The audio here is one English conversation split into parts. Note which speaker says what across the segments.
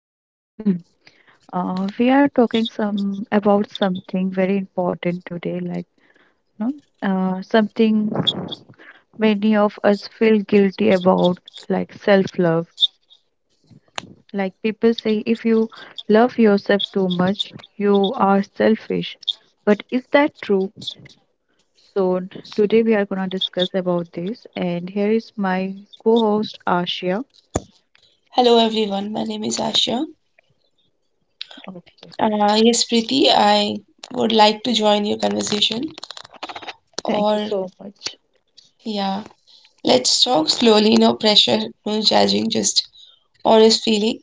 Speaker 1: today. We are talking some about something very important today, like something many of us feel guilty about, like self-love. Like people say, if you love yourself too much, you are selfish. But is that true? So today we are gonna discuss about this, and here is my co-host Ashia.
Speaker 2: Hello everyone, my name is Asha.
Speaker 1: Okay.
Speaker 2: Yes, Preeti, I would like to join your conversation.
Speaker 1: Thank you
Speaker 2: Or,
Speaker 1: so much.
Speaker 2: yeah, let's talk slowly, no pressure, no judging, just honest feeling.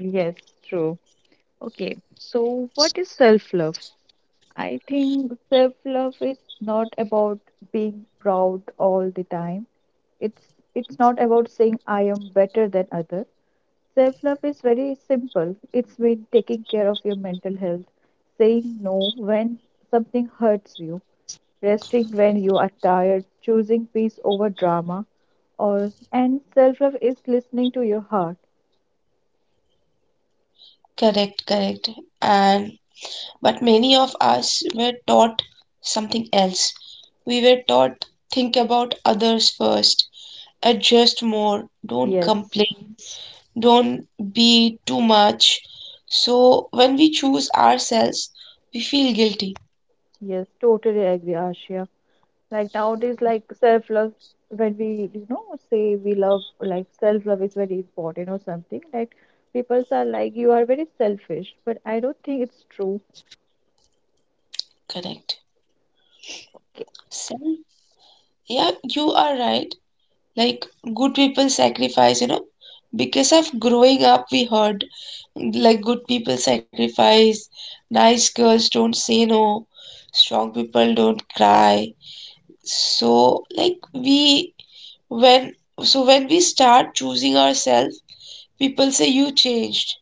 Speaker 1: Yes, true. Okay, so what is self-love? I think self-love is not about being proud all the time. It's it's not about saying I am better than other. Self-love is very simple. It's mean taking care of your mental health, saying no when something hurts you, resting when you are tired, choosing peace over drama, or and self-love is listening to your heart.
Speaker 2: Correct. And but many of us were taught something else. We were taught think about others first, adjust more, don't
Speaker 1: Yes.
Speaker 2: complain, don't be too much. So when we choose ourselves, we feel guilty.
Speaker 1: Yes, totally agree, Ashia. Like nowadays, like self-love, when we, you know, say we love, like self-love is very important or something, like people are like, you are very selfish, but I don't think it's true.
Speaker 2: Correct. Self, yeah, you are right. Like good people sacrifice, you know, because of growing up, we heard like good people sacrifice, nice girls don't say no, strong people don't cry. So, like we when so when we start choosing ourselves, people say you changed,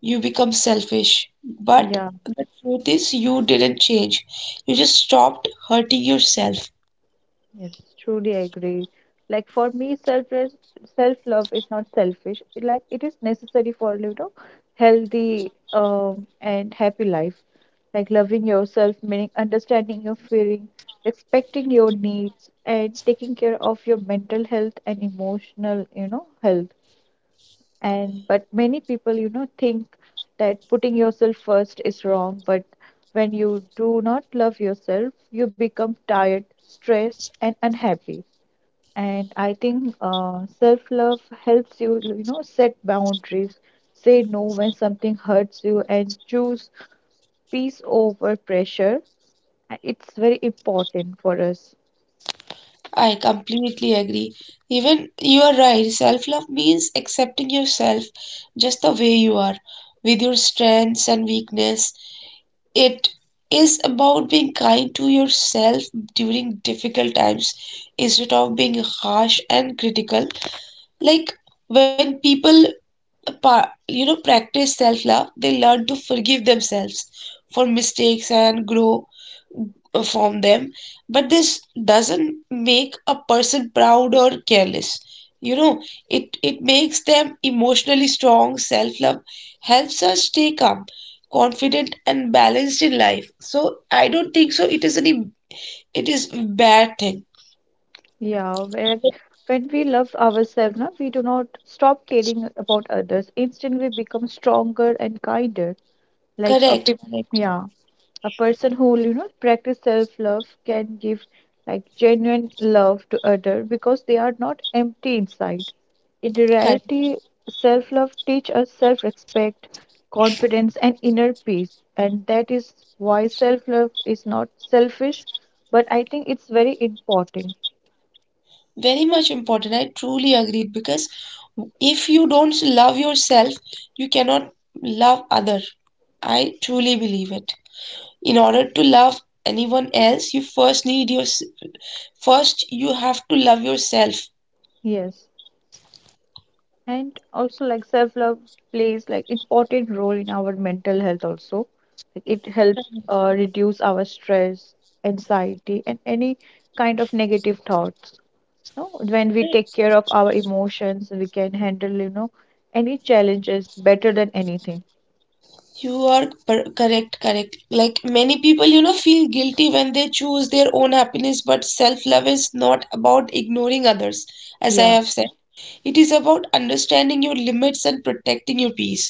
Speaker 2: you become selfish. But
Speaker 1: Yeah.
Speaker 2: the truth is you didn't change. You just stopped hurting yourself.
Speaker 1: Yes, truly I agree. Like for me, self love is not selfish. It, like it is necessary for you know healthy and happy life. Like loving yourself, meaning understanding your feeling, respecting your needs, and taking care of your mental health and emotional you know health. And but many people you know think that putting yourself first is wrong, but when you do not love yourself, you become tired, stressed, and unhappy and I think self-love helps you, you know, set boundaries, say no when something hurts you, and choose peace over pressure. It's very important for us.
Speaker 2: I completely agree. Even you are right. Self love means accepting yourself just the way you are, with your strengths and weakness. It is about being kind to yourself during difficult times instead of being harsh and critical. Like when people you know practice self love, they learn to forgive themselves for mistakes and grow from them. But this doesn't make a person proud or careless, you know, it makes them emotionally strong. Self love helps us stay calm, confident and balanced in life. So I don't think so it is any, it is bad thing.
Speaker 1: Yeah, when we love ourselves, na, we do not stop caring about others. Instead, we become stronger and kinder. Like a
Speaker 2: Correct
Speaker 1: peop
Speaker 2: correct
Speaker 1: Yeah, a person who you know practice self-love can give like genuine love to other because they are not empty inside. In
Speaker 2: correct
Speaker 1: reality, self-love teach us self-respect, confidence, and inner peace, and that is why self-love is not selfish, but I think it's very important.
Speaker 2: Very much important, I truly agreed, because if you don't love yourself, you cannot love other. I truly believe it. In order to love anyone else, you first need your first you have to love yourself.
Speaker 1: Yes, and also like self-love plays like important role in our mental health also. Like it help reduce our stress, anxiety, and any kind of negative thoughts. No, when we take care of our emotions, we can handle, you know, any challenges better than anything.
Speaker 2: You are per- correct correct. Like many people, you know, feel guilty when they choose their own happiness, but self love is not about ignoring others. As I
Speaker 1: Yeah.
Speaker 2: have said, it is about understanding your limits and protecting your peace.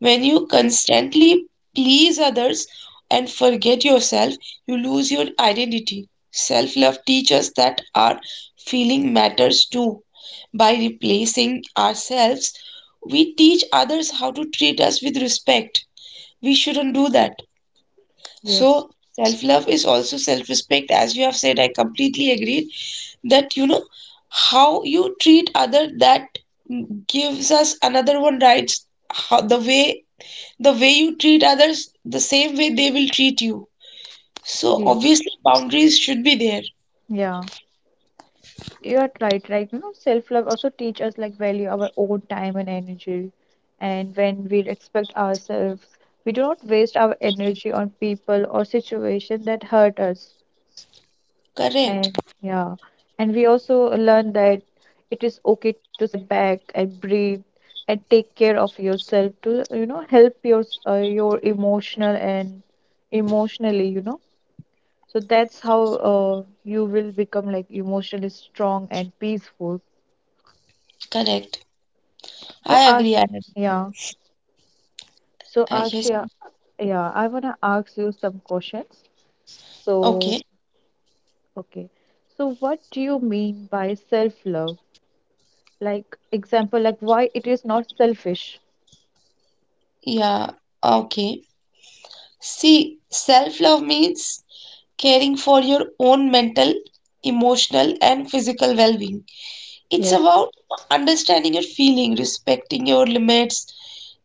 Speaker 2: When you constantly please others and forget yourself, you lose your identity. Self love teaches that our feeling matters too. By replacing ourselves, we teach others how to treat us with respect. We shouldn't do that.
Speaker 1: Yes.
Speaker 2: So, self love is also self respect. As you have said, I completely agreed that, you know, how you treat other that gives us another one rights how the way you treat others, the same way they will treat you. So
Speaker 1: Yes.
Speaker 2: obviously boundaries should be there.
Speaker 1: Yeah. You're right, like you know, self-love also teach us like value our own time and energy. And when we respect ourselves, we do not waste our energy on people or situation that hurt us.
Speaker 2: Correct,
Speaker 1: And yeah, and we also learn that it is okay to step back and breathe and take care of yourself to you know help your emotional and emotionally, you know. So that's how you will become like emotionally strong and peaceful.
Speaker 2: correct.
Speaker 1: So
Speaker 2: I agree,
Speaker 1: Ash,
Speaker 2: I
Speaker 1: yeah. So
Speaker 2: Yes.
Speaker 1: Ashia, yeah, I wanna ask you some questions. So,
Speaker 2: Okay.
Speaker 1: okay. So what do you mean by self-love? Like example, like why it is not selfish?
Speaker 2: Yeah, okay. See, self-love means caring for your own mental, emotional, and physical well-being. It's
Speaker 1: Yes.
Speaker 2: about understanding your feeling, respecting your limits,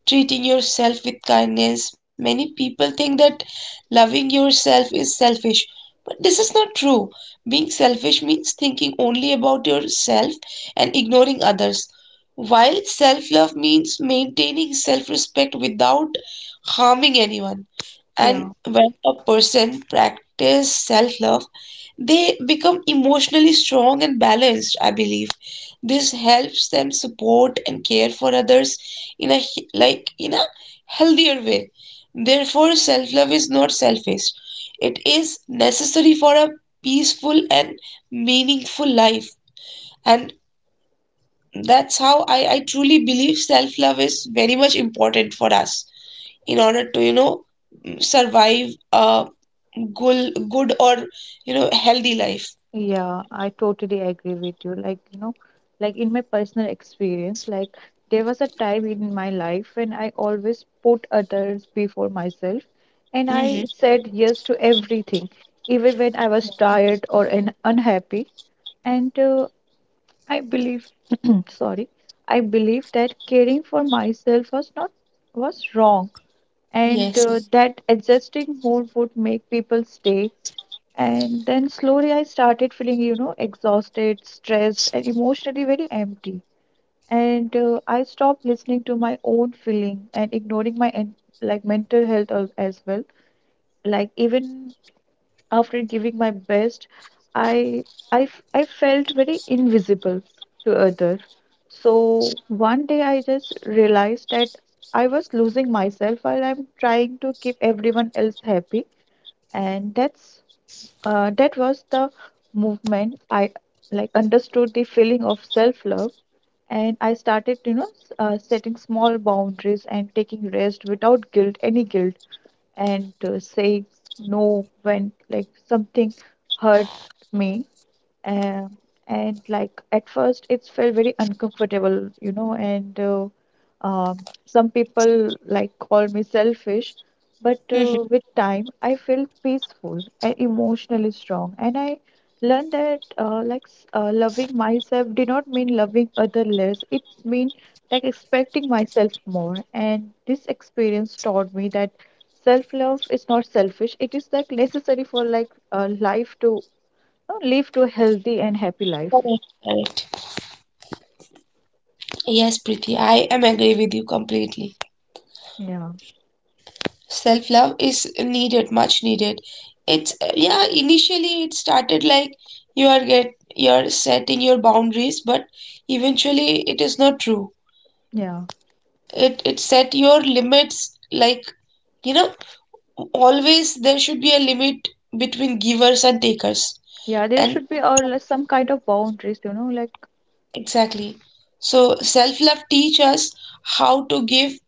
Speaker 2: treating yourself with kindness. Many people think that loving yourself is selfish, but this is not true. Being selfish means thinking only about yourself and ignoring others, while self love means maintaining self respect without harming anyone.
Speaker 1: Yeah.
Speaker 2: And when a person practices self love, they become emotionally strong and balanced. I believe this helps them support and care for others in a healthier way. Therefore self love is not selfish, it is necessary for a peaceful and meaningful life. And that's how I truly believe self love is very much important for us, in order to, you know, survive a good good or you know healthy life.
Speaker 1: Yeah, I totally agree with you. Like, you know, like in my personal experience, like there was a time in my life when I always put others before myself and I
Speaker 2: Hmm.
Speaker 1: said yes to everything, even when I was tired or an unhappy. And I believe, sorry, I believe that caring for myself was not was wrong, and
Speaker 2: Yes.
Speaker 1: that adjusting more would make people stay. And then slowly I started feeling, you know, exhausted, stressed, and emotionally very empty. And I stopped listening to my own feeling and ignoring like mental health as well. Like even after giving my best, I, I felt very invisible to others. So one day I just realized that I was losing myself while I'm trying to keep everyone else happy. And that's that was the movement I like understood the feeling of self-love and I started, you know, setting small boundaries and taking rest without guilt, any guilt and say no when like something hurt me. um, and like at first it's felt very uncomfortable you know and um, some people like call me selfish but
Speaker 2: Hmm.
Speaker 1: with time I feel peaceful and emotionally strong and I learned that loving myself did not mean loving other less. It mean like expecting myself more, and this experience taught me that self love is not selfish. It is like necessary for like life to know, live to a healthy and happy life.
Speaker 2: correct correct Yes, Preeti, I am agree with you completely.
Speaker 1: Yeah,
Speaker 2: Self love is needed, much needed. It's yeah, initially it started like you are get you're setting your boundaries, but eventually it is not true.
Speaker 1: yeah.
Speaker 2: It set your limits, like, you know, always there should be a limit between givers and takers.
Speaker 1: Yeah, there
Speaker 2: And
Speaker 1: should be or like some kind of boundaries, you know, like
Speaker 2: exactly. So self love teach us how to give,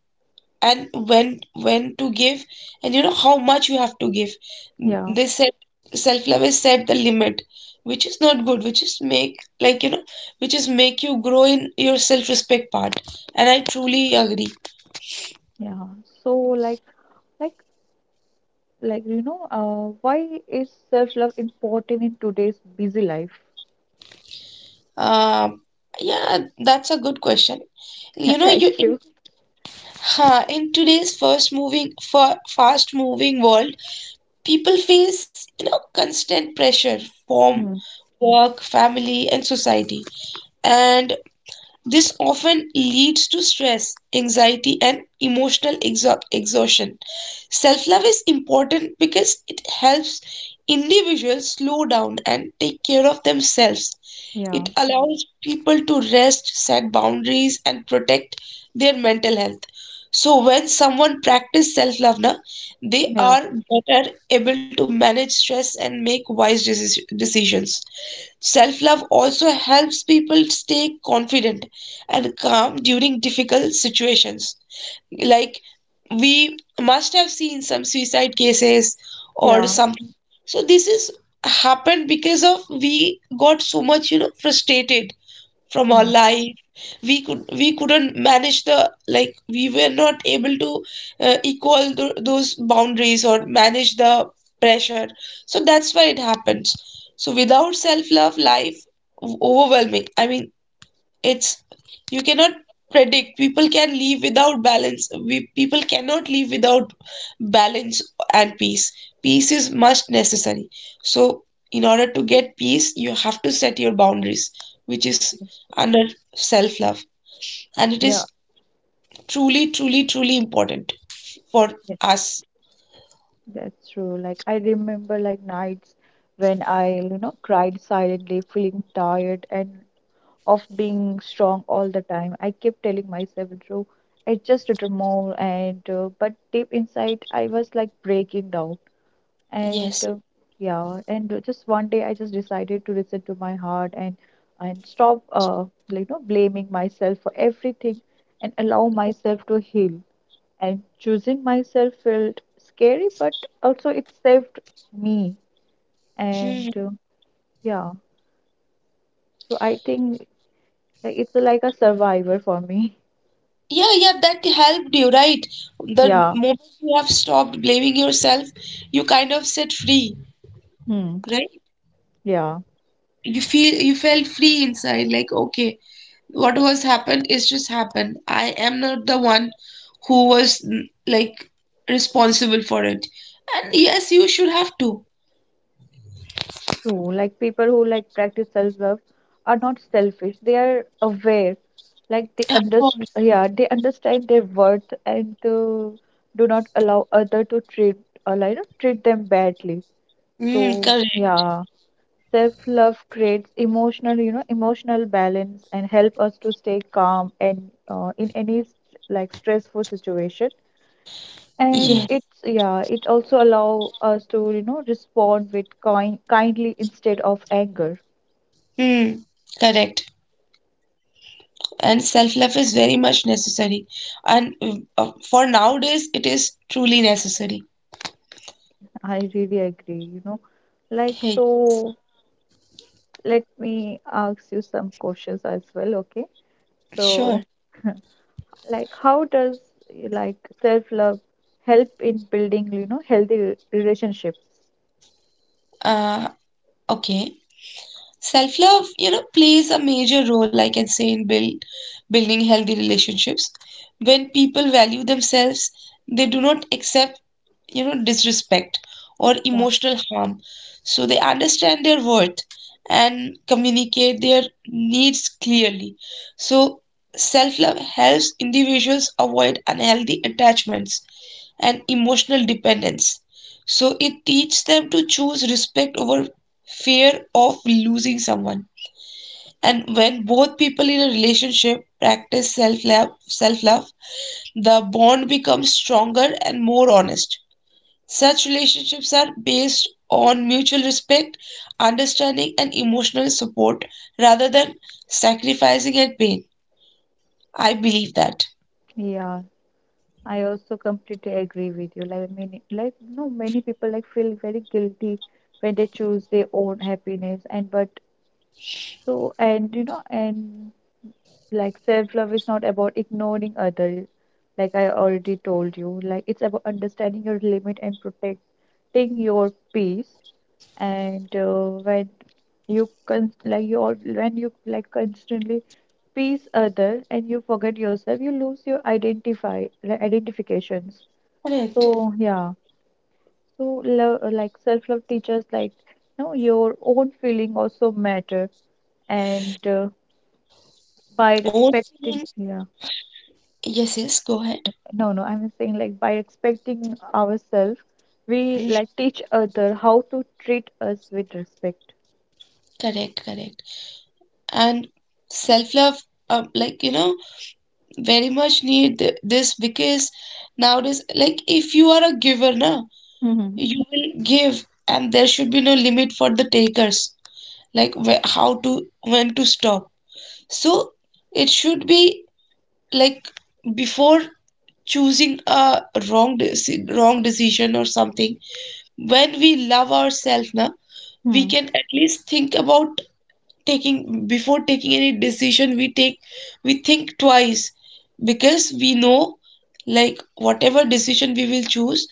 Speaker 2: and when to give, and you know how much you have to give.
Speaker 1: yeah,
Speaker 2: They said self-love is set the limit, which is not good, which is make, like, you know, which is make you grow in your self-respect part, and I truly agree.
Speaker 1: yeah. so like like like you know, why is self-love important in today's busy life?
Speaker 2: um yeah, that's a good question.
Speaker 1: Yeah,
Speaker 2: you know
Speaker 1: thank
Speaker 2: you in,
Speaker 1: you.
Speaker 2: in today's first moving for fast moving world, people face, you know, constant pressure from
Speaker 1: Mm,
Speaker 2: work, family and society. And this often leads to stress, anxiety, and emotional exhaustion. Self love is important because it helps individuals slow down and take care of themselves. It
Speaker 1: yeah,
Speaker 2: allows people to rest, set boundaries, and protect their mental health. So, when someone practices self love, na, they
Speaker 1: yeah,
Speaker 2: are better able to manage stress and make wise decisions. Self love also helps people stay confident and calm during difficult situations. Like we must have seen some suicide cases or
Speaker 1: yeah.
Speaker 2: some. So this is happened because of we got so much, you know, frustrated from our
Speaker 1: Mm,
Speaker 2: life. We couldn't manage the, like we were not able to equal those boundaries or manage the pressure. So that's why it happens. So without self love life overwhelming, I mean, it's you cannot predict. People can live without balance. We people cannot live without balance and peace. Peace is must necessary. So in order to get peace, you have to set your boundaries, which is
Speaker 1: yes,
Speaker 2: under self love, and it
Speaker 1: yeah,
Speaker 2: is truly important for
Speaker 1: yeah,
Speaker 2: us.
Speaker 1: that's true. Like I remember like nights when I, you know, cried silently, feeling tired and of being strong all the time. I kept telling myself, Drew, I just little more, and but deep inside, I was like breaking down. And
Speaker 2: Yes.
Speaker 1: just one day, I just decided to listen to my heart and stop, you know, blaming myself for everything, and allow myself to heal. And choosing myself felt scary, but also it saved me. And
Speaker 2: Hmm.
Speaker 1: Yeah, so I think like, it's like a survivor for me.
Speaker 2: Yeah, that helped you, right? The
Speaker 1: Yeah.
Speaker 2: moment you have stopped blaming yourself, you kind of set free,
Speaker 1: Hmm.
Speaker 2: right?
Speaker 1: Yeah,
Speaker 2: You felt free inside, like okay, what was happened is just happened, I am not the one who was like responsible for it. And yes, you should have to.
Speaker 1: true. Like people who like practice self-love are not selfish. They are aware. Like they
Speaker 2: Of
Speaker 1: underst
Speaker 2: course.
Speaker 1: Yeah, they understand their worth and do not allow other to treat treat them badly. So
Speaker 2: Correct.
Speaker 1: yeah, self-love creates emotional, you know, emotional balance and help us to stay calm and uh, in any st- like stressful situation. And
Speaker 2: Yes.
Speaker 1: it's yeah, it also allow us to, you know, respond with kindly instead of anger.
Speaker 2: mm, Correct. And self-love is very much necessary. And for nowadays it is truly necessary.
Speaker 1: I really agree, you know. Like
Speaker 2: Hey.
Speaker 1: so let me ask you some questions as well, okay? So
Speaker 2: Sure.
Speaker 1: like how does like self-love help in building, you know, healthy relationships?
Speaker 2: uh okay. Self love, you know, plays a major role, I can say, in building healthy relationships. When people value themselves, they do not accept, you know, disrespect or
Speaker 1: Yeah.
Speaker 2: emotional harm. So they understand their worth and communicate their needs clearly. So self love helps individuals avoid unhealthy attachments and emotional dependence. So it teaches them to choose respect over fear of losing someone. And when both people in a relationship practice self love, the bond becomes stronger and more honest. Such relationships are based on mutual respect, understanding, and emotional support rather than sacrificing and pain. I believe that.
Speaker 1: Yeah. I also completely agree with you. Like many like no many people like feel very guilty when they choose their own happiness and but so, and you know, and like self love is not about ignoring others, like I already told you. Like it's about understanding your limit and protecting your peace. And when you con like you all when you like constantly please other and you forget yourself, you lose your identify like identifications.
Speaker 2: Correct.
Speaker 1: So yeah, so love like self love teaches like no your own feeling also matter and. By
Speaker 2: Also,
Speaker 1: expecting Yeah.
Speaker 2: yes, go ahead.
Speaker 1: no no I'm saying like by expecting ourselves, we
Speaker 2: Mhm.
Speaker 1: like teach other how to treat us with respect.
Speaker 2: Correct. And self love, like, you know, very much need this, because nowadays like if you are a giver now,
Speaker 1: Mm-hmm.
Speaker 2: you will give and there should be no limit for the takers, like where, how to, when to stop. So it should be like, before choosing a wrong decision or something, when we love ourselves now, we
Speaker 1: Hmm.
Speaker 2: can at least think about taking before taking any decision we take, we think twice, because we know like whatever decision we will choose,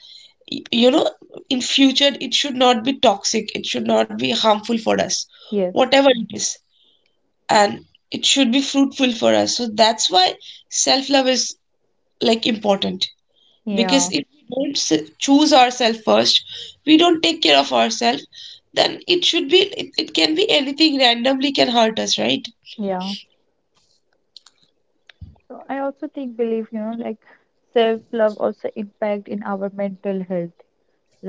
Speaker 2: you know, in future it should not be toxic, it should not be harmful for us,
Speaker 1: Yes,
Speaker 2: whatever it is. And it should be fruitful for us. So that's why self love is like important,
Speaker 1: yeah,
Speaker 2: because if we don't choose ourselves first, we don't take care of ourselves, then it should be it can be anything randomly can hurt us, right?
Speaker 1: yeah. So I also think believe you know like self love also impact in our mental health.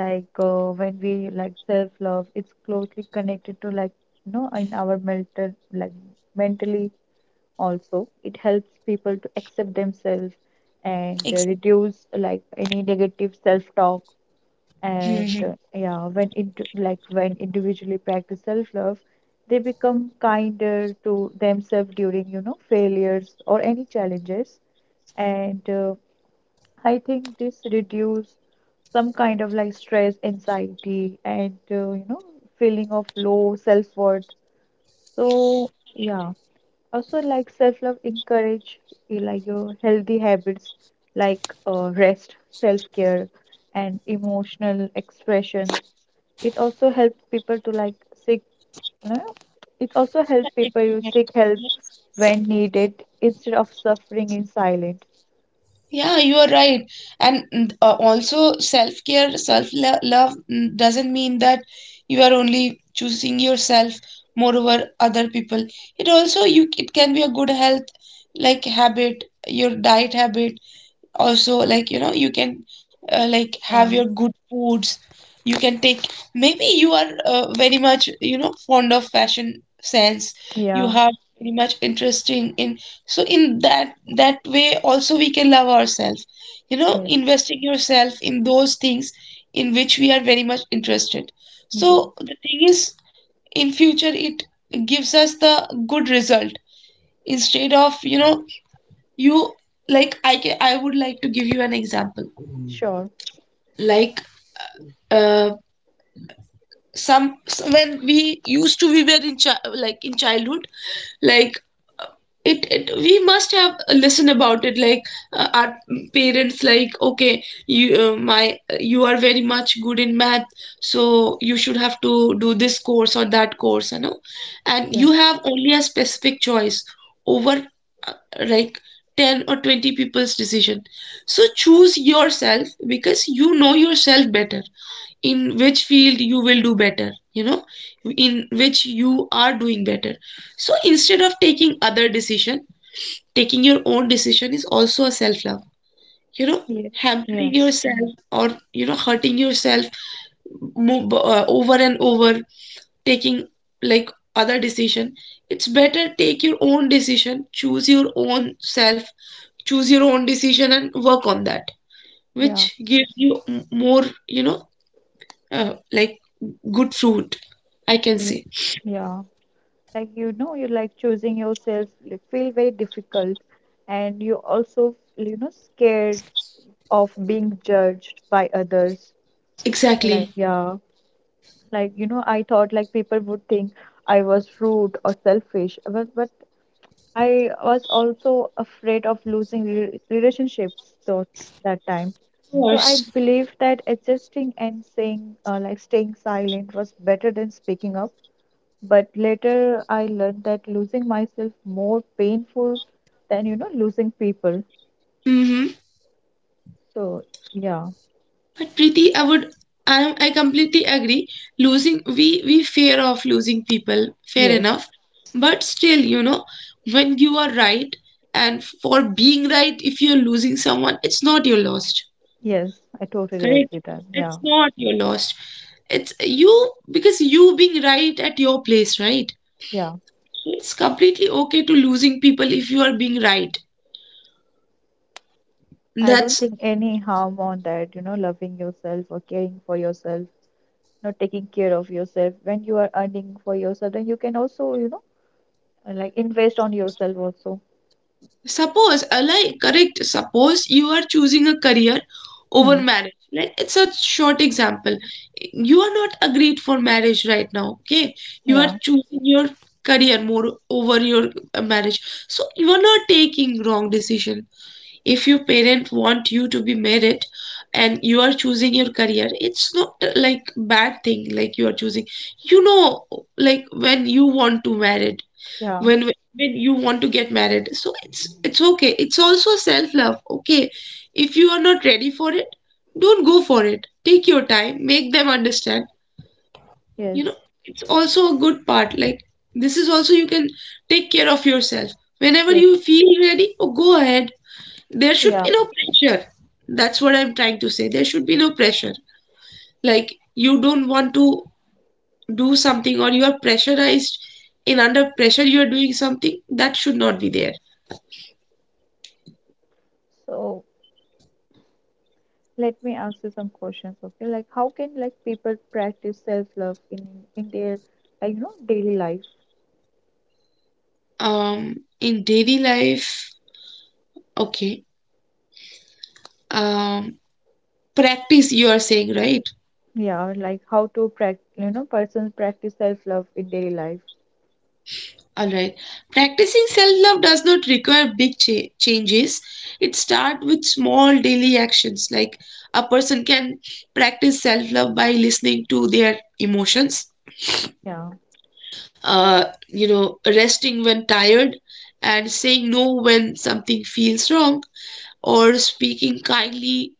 Speaker 1: Like when we like self love it's closely connected to like you know in our mental like mentally also. It helps people to accept themselves and
Speaker 2: Exactly.
Speaker 1: reduce like any negative self talk and
Speaker 2: Mhm.
Speaker 1: yeah when it like when individually practice self love they become kinder to themselves during you know failures or any challenges and I think this reduce some kind of like stress, anxiety, and you know feeling of low self worth. So yeah, also like self-love encourage like your healthy habits like rest, self-care, and emotional expressions. It also helps people to like seek you know, It also helps people to seek help when needed instead of suffering in silence.
Speaker 2: Yeah, you are right. And also, self-care, self-love doesn't mean that you are only choosing yourself more over other people. It also you it can be a good health like habit, your diet habit, also like you know you can like have
Speaker 1: Yeah,
Speaker 2: your good foods. You can take, maybe you are very much you know fond of fashion sense, you
Speaker 1: yeah,
Speaker 2: have very much interesting in. So in that way also we can love ourselves, you know,
Speaker 1: yes,
Speaker 2: investing yourself in those things in which we are very much interested.
Speaker 1: yes,
Speaker 2: So the thing is, in future it gives us the good result instead of, you know, you like I would like to give you an example.
Speaker 1: sure,
Speaker 2: Like uh, when we used to we were in like in childhood, like it we must have a listen about it. Like our parents like, okay, you my you are very much good in math, so you should have to do this course or that course, you know. And
Speaker 1: yeah,
Speaker 2: you have only a specific choice over uh, like 10 or 20 people's decision. So choose yourself because you know yourself better, in which field you will do better, you know, in which you are doing better. So instead of taking other decision, taking your own decision is also a self love, you know.
Speaker 1: yes, yeah,
Speaker 2: Hampering yourself, or you know, hurting yourself over and over, taking like other decision, it's better take your own decision, choose your own self, choose your own decision and work on that, which
Speaker 1: yeah,
Speaker 2: gives you more, you know, like good fruit, I can
Speaker 1: yeah,
Speaker 2: say.
Speaker 1: yeah. Like you know you like choosing yourself you feel very difficult and you also you know scared of being judged by others. Like
Speaker 2: Exactly.
Speaker 1: yeah, like you know I thought like people would think I was rude or selfish but I was also afraid of losing relationships though that time.
Speaker 2: Of
Speaker 1: So I
Speaker 2: course.
Speaker 1: believe that adjusting and saying like staying silent was better than speaking up, but later I learned that losing myself more painful than you know losing people.
Speaker 2: Hmm.
Speaker 1: So yeah,
Speaker 2: But Preeti, I completely agree. Losing, we fear of losing people, fair
Speaker 1: yes,
Speaker 2: enough. But still, you know, when you are right, and for being right, if you're losing someone, it's not your loss.
Speaker 1: yes, I totally
Speaker 2: Correct?
Speaker 1: agree that.
Speaker 2: It's
Speaker 1: Yeah,
Speaker 2: not your loss. It's you because you being right at your place, right?
Speaker 1: yeah.
Speaker 2: So it's completely okay to losing people if you are being right.
Speaker 1: I don't
Speaker 2: That's
Speaker 1: think any harm on that, you know, loving yourself or caring for yourself, you know, taking care of yourself. When you are earning for yourself, then you can also, you know, like invest on yourself also.
Speaker 2: suppose, like, correct, suppose you are choosing a career
Speaker 1: Hmm.
Speaker 2: over marriage. Like, it's a short example. You are not agreed for marriage right now, okay? You are
Speaker 1: Yeah,
Speaker 2: choosing your career more over your marriage. So, you are not taking wrong decision. If your parent want you to be married and you are choosing your career, it's not like bad thing like you are choosing. You know, like when you want to married
Speaker 1: yeah,
Speaker 2: when you want to get married, so it's okay, it's also self love, okay? If you are not ready for it, don't go for it. Take your time, make them understand.
Speaker 1: yes,
Speaker 2: You know, it's also a good part, like this is also you can take care of yourself whenever
Speaker 1: yes,
Speaker 2: you feel ready. Oh, go ahead, there should
Speaker 1: yeah.
Speaker 2: be no pressure. That's what I'm trying to say, there should be no pressure. Like you don't want to do something or you are pressurized, in under pressure you are doing something that should not be there.
Speaker 1: So. Let me ask you some questions, okay? Like, how can like people practice self-love in their like you know daily life?
Speaker 2: In daily life, okay. Um, Practice, you are saying, right?
Speaker 1: Yeah, like how to practice you know persons practice self-love in daily life.
Speaker 2: All right. Practicing self-love does not require changes. It starts with small daily actions. Like a person can practice self-love by listening to their emotions,
Speaker 1: Yeah.
Speaker 2: you know, resting when tired, and saying no when something feels wrong, or speaking kindly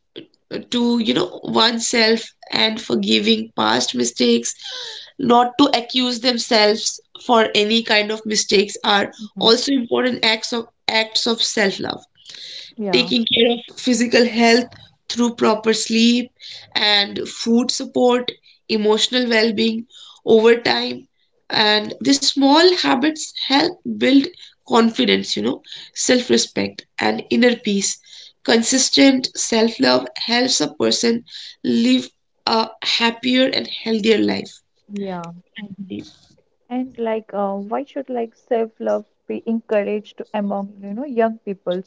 Speaker 2: to you know oneself, and forgiving past mistakes, not to accuse themselves for any kind of mistakes, are
Speaker 1: Hmm.
Speaker 2: also important acts of self love.
Speaker 1: Yeah.
Speaker 2: Taking care of physical health through proper sleep and food support, emotional well being over time. And these small habits help build confidence, you know, self respect, and inner peace. Consistent self love helps a person live a happier and healthier life.
Speaker 1: Yeah. And like, why should like self-love be encouraged among you know young peoples?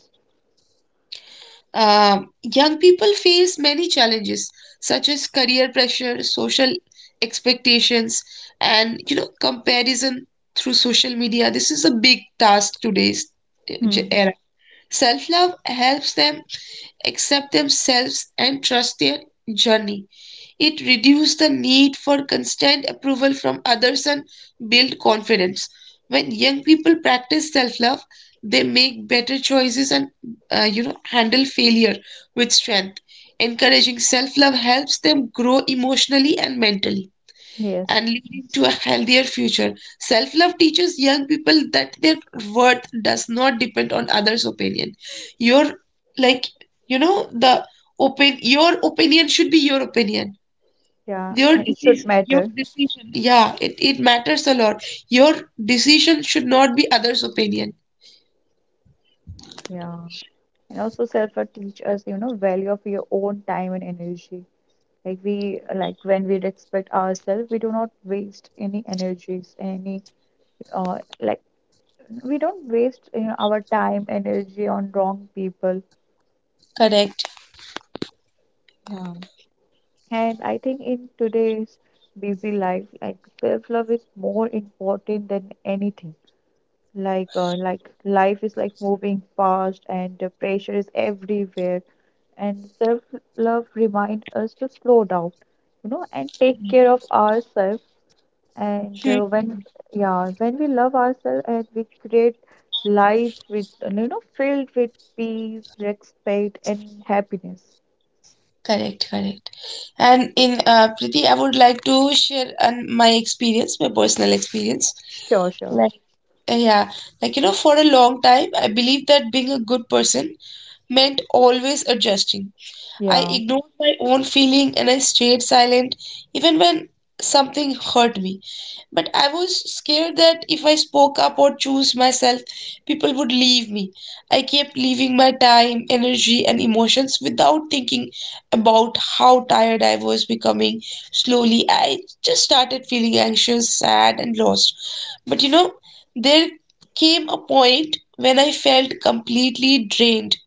Speaker 2: Young people face many challenges such as career pressure, social expectations, and you know comparison through social media. This is a big task
Speaker 1: Hmm.
Speaker 2: era. Self-love helps them accept themselves, and trust their journey. It reduces the need for constant approval from others and build confidence. When young people practice self-love, they make better choices and you know handle failure with strength. Encouraging self-love helps them grow emotionally and mentally
Speaker 1: Yes.
Speaker 2: and leading to a healthier future. Self love teaches young people that their worth does not depend on others' opinion. Your, like, you know, the open, your opinion should be your opinion.
Speaker 1: Yeah.
Speaker 2: Your
Speaker 1: And it should
Speaker 2: decision, your
Speaker 1: matter.
Speaker 2: decision. Yeah, it matters a lot. Your decision should not be others' opinion.
Speaker 1: Yeah. And also self-love teach us you know value of your own time and energy. Like we like when we respect ourselves, we do not waste any energies, any uh, like we don't waste you know, our time, energy on wrong people.
Speaker 2: Correct.
Speaker 1: Yeah. And I think in today's busy life, like self-love is more important than anything. Like life is like moving fast and the pressure is everywhere. And self-love remind us to slow down, you know, and take care of ourselves. And uh,
Speaker 2: Hmm.
Speaker 1: when, yeah, when we love ourselves and we create life with, you know, filled with peace, respect, and happiness.
Speaker 2: Correct, correct. And in Priti, I would like to share an, my experience, my personal experience.
Speaker 1: Sure, sure.
Speaker 2: Like, yeah, like, you know, for a long time, I believed that being a good person meant always adjusting. I
Speaker 1: Yeah.
Speaker 2: ignored my own feeling and I stayed silent even when something hurt me. But I was scared that if I spoke up or chose myself, people would leave me. I kept leaving my time, energy, and emotions without thinking about how tired I was becoming. Slowly, I just started feeling anxious, sad, and lost. But you know, there came a point when I felt completely drained.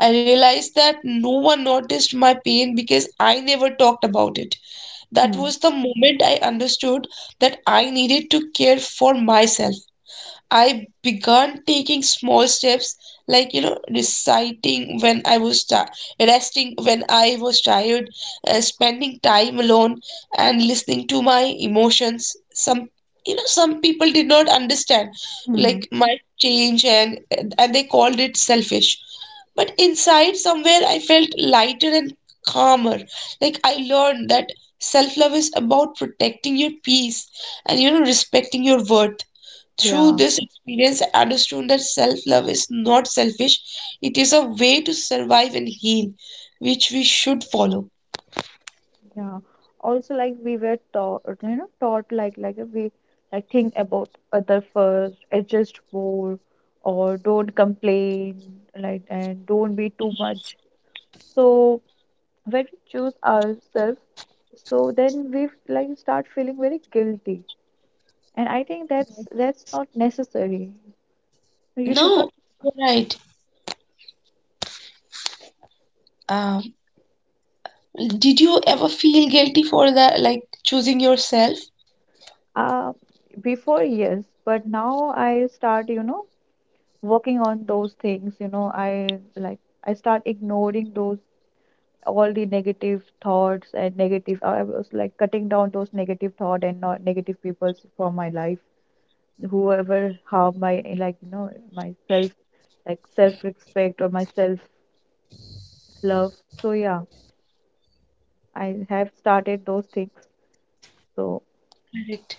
Speaker 2: I realized that no one noticed my pain because I never talked about it. That
Speaker 1: Hmm.
Speaker 2: was the moment I understood that I needed to care for myself. I began taking small steps, like, you know, reciting when I was tired, resting when I was tired, spending time alone and listening to my emotions. Some, you know, some people did not understand,
Speaker 1: Hmm.
Speaker 2: like, my change and they called it selfish. But inside somewhere I felt lighter and calmer. Like I learned that self-love is about protecting your peace and you know respecting your worth. Through
Speaker 1: Yeah,
Speaker 2: this experience, I understood that self love is not selfish, it is a way to survive and heal, which we should follow.
Speaker 1: yeah. Also, like we were taught, you know, taught like we like think about other first, adjust more, or don't complain, like and don't be too much. So when we choose ourselves so then we like start feeling very guilty and I think that's not necessary. You should not
Speaker 2: No, you're right. Um, did you ever feel guilty for that, like choosing yourself?
Speaker 1: uh before yes but now I start you know working on those things you know I like I start ignoring those all the negative thoughts and negative I was like cutting down those negative thought and not negative people for my life whoever harm my like you know my self like self respect or myself love. So yeah, I have started those things. So
Speaker 2: Correct.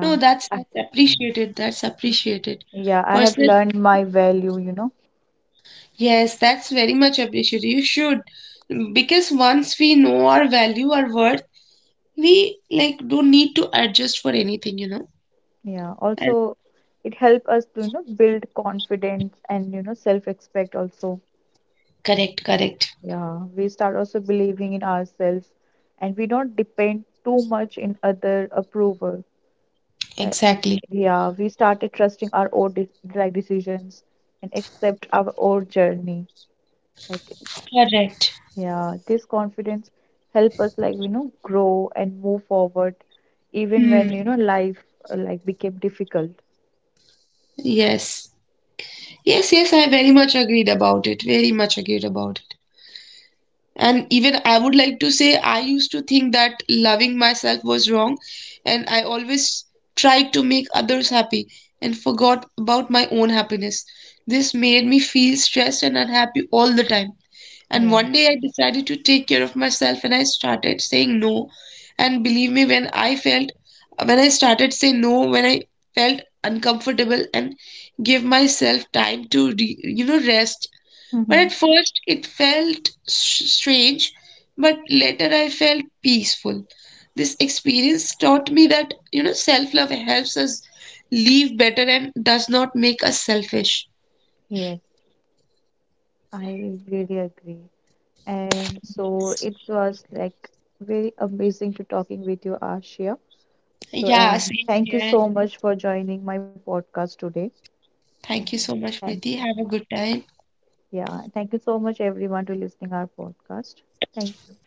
Speaker 2: No, that's
Speaker 1: Uh,
Speaker 2: that's appreciated. That's appreciated.
Speaker 1: yeah, I have
Speaker 2: Personal,
Speaker 1: learned my value, you know.
Speaker 2: yes, that's very much appreciated. You should, because once we know our value, our worth, we like don't need to adjust for anything, you know.
Speaker 1: Yeah,
Speaker 2: And
Speaker 1: also it helped us to, you know, build confidence and, you know, self-respect also.
Speaker 2: correct, correct.
Speaker 1: Yeah, we start also believing in ourselves and we don't depend too much in other approval. Like,
Speaker 2: Exactly.
Speaker 1: yeah, we started trusting our own de like decisions and accept our own journey. Like
Speaker 2: Correct.
Speaker 1: yeah, this confidence help us like you know grow and move forward even
Speaker 2: Hmm.
Speaker 1: when you know life like became difficult.
Speaker 2: Yes. Yes, yes, I very much agreed about it. Very much agreed about it. And even I would like to say, I used to think that loving myself was wrong, and I always tried to make others happy and forgot about my own happiness. This made me feel stressed and unhappy all the time. And
Speaker 1: Yeah.
Speaker 2: one day I decided to take care of myself and I started saying no. And believe me, when I felt, when I started saying no, when I felt uncomfortable and give myself time to, re, you know, rest, but
Speaker 1: Mm-hmm.
Speaker 2: at first it felt strange, but later I felt peaceful. This experience taught me that, you know, self love helps us live better and does not make us selfish.
Speaker 1: Yes, I really agree. And so it was like very amazing to talking with you, Ashia. So,
Speaker 2: Yeah,
Speaker 1: and
Speaker 2: same
Speaker 1: thank you
Speaker 2: here.
Speaker 1: so much for joining my podcast today. And
Speaker 2: Thank you so much,
Speaker 1: thank
Speaker 2: Preeti.
Speaker 1: you.
Speaker 2: Have a good time.
Speaker 1: Yeah, thank you so much everyone to listening our podcast. Thank you.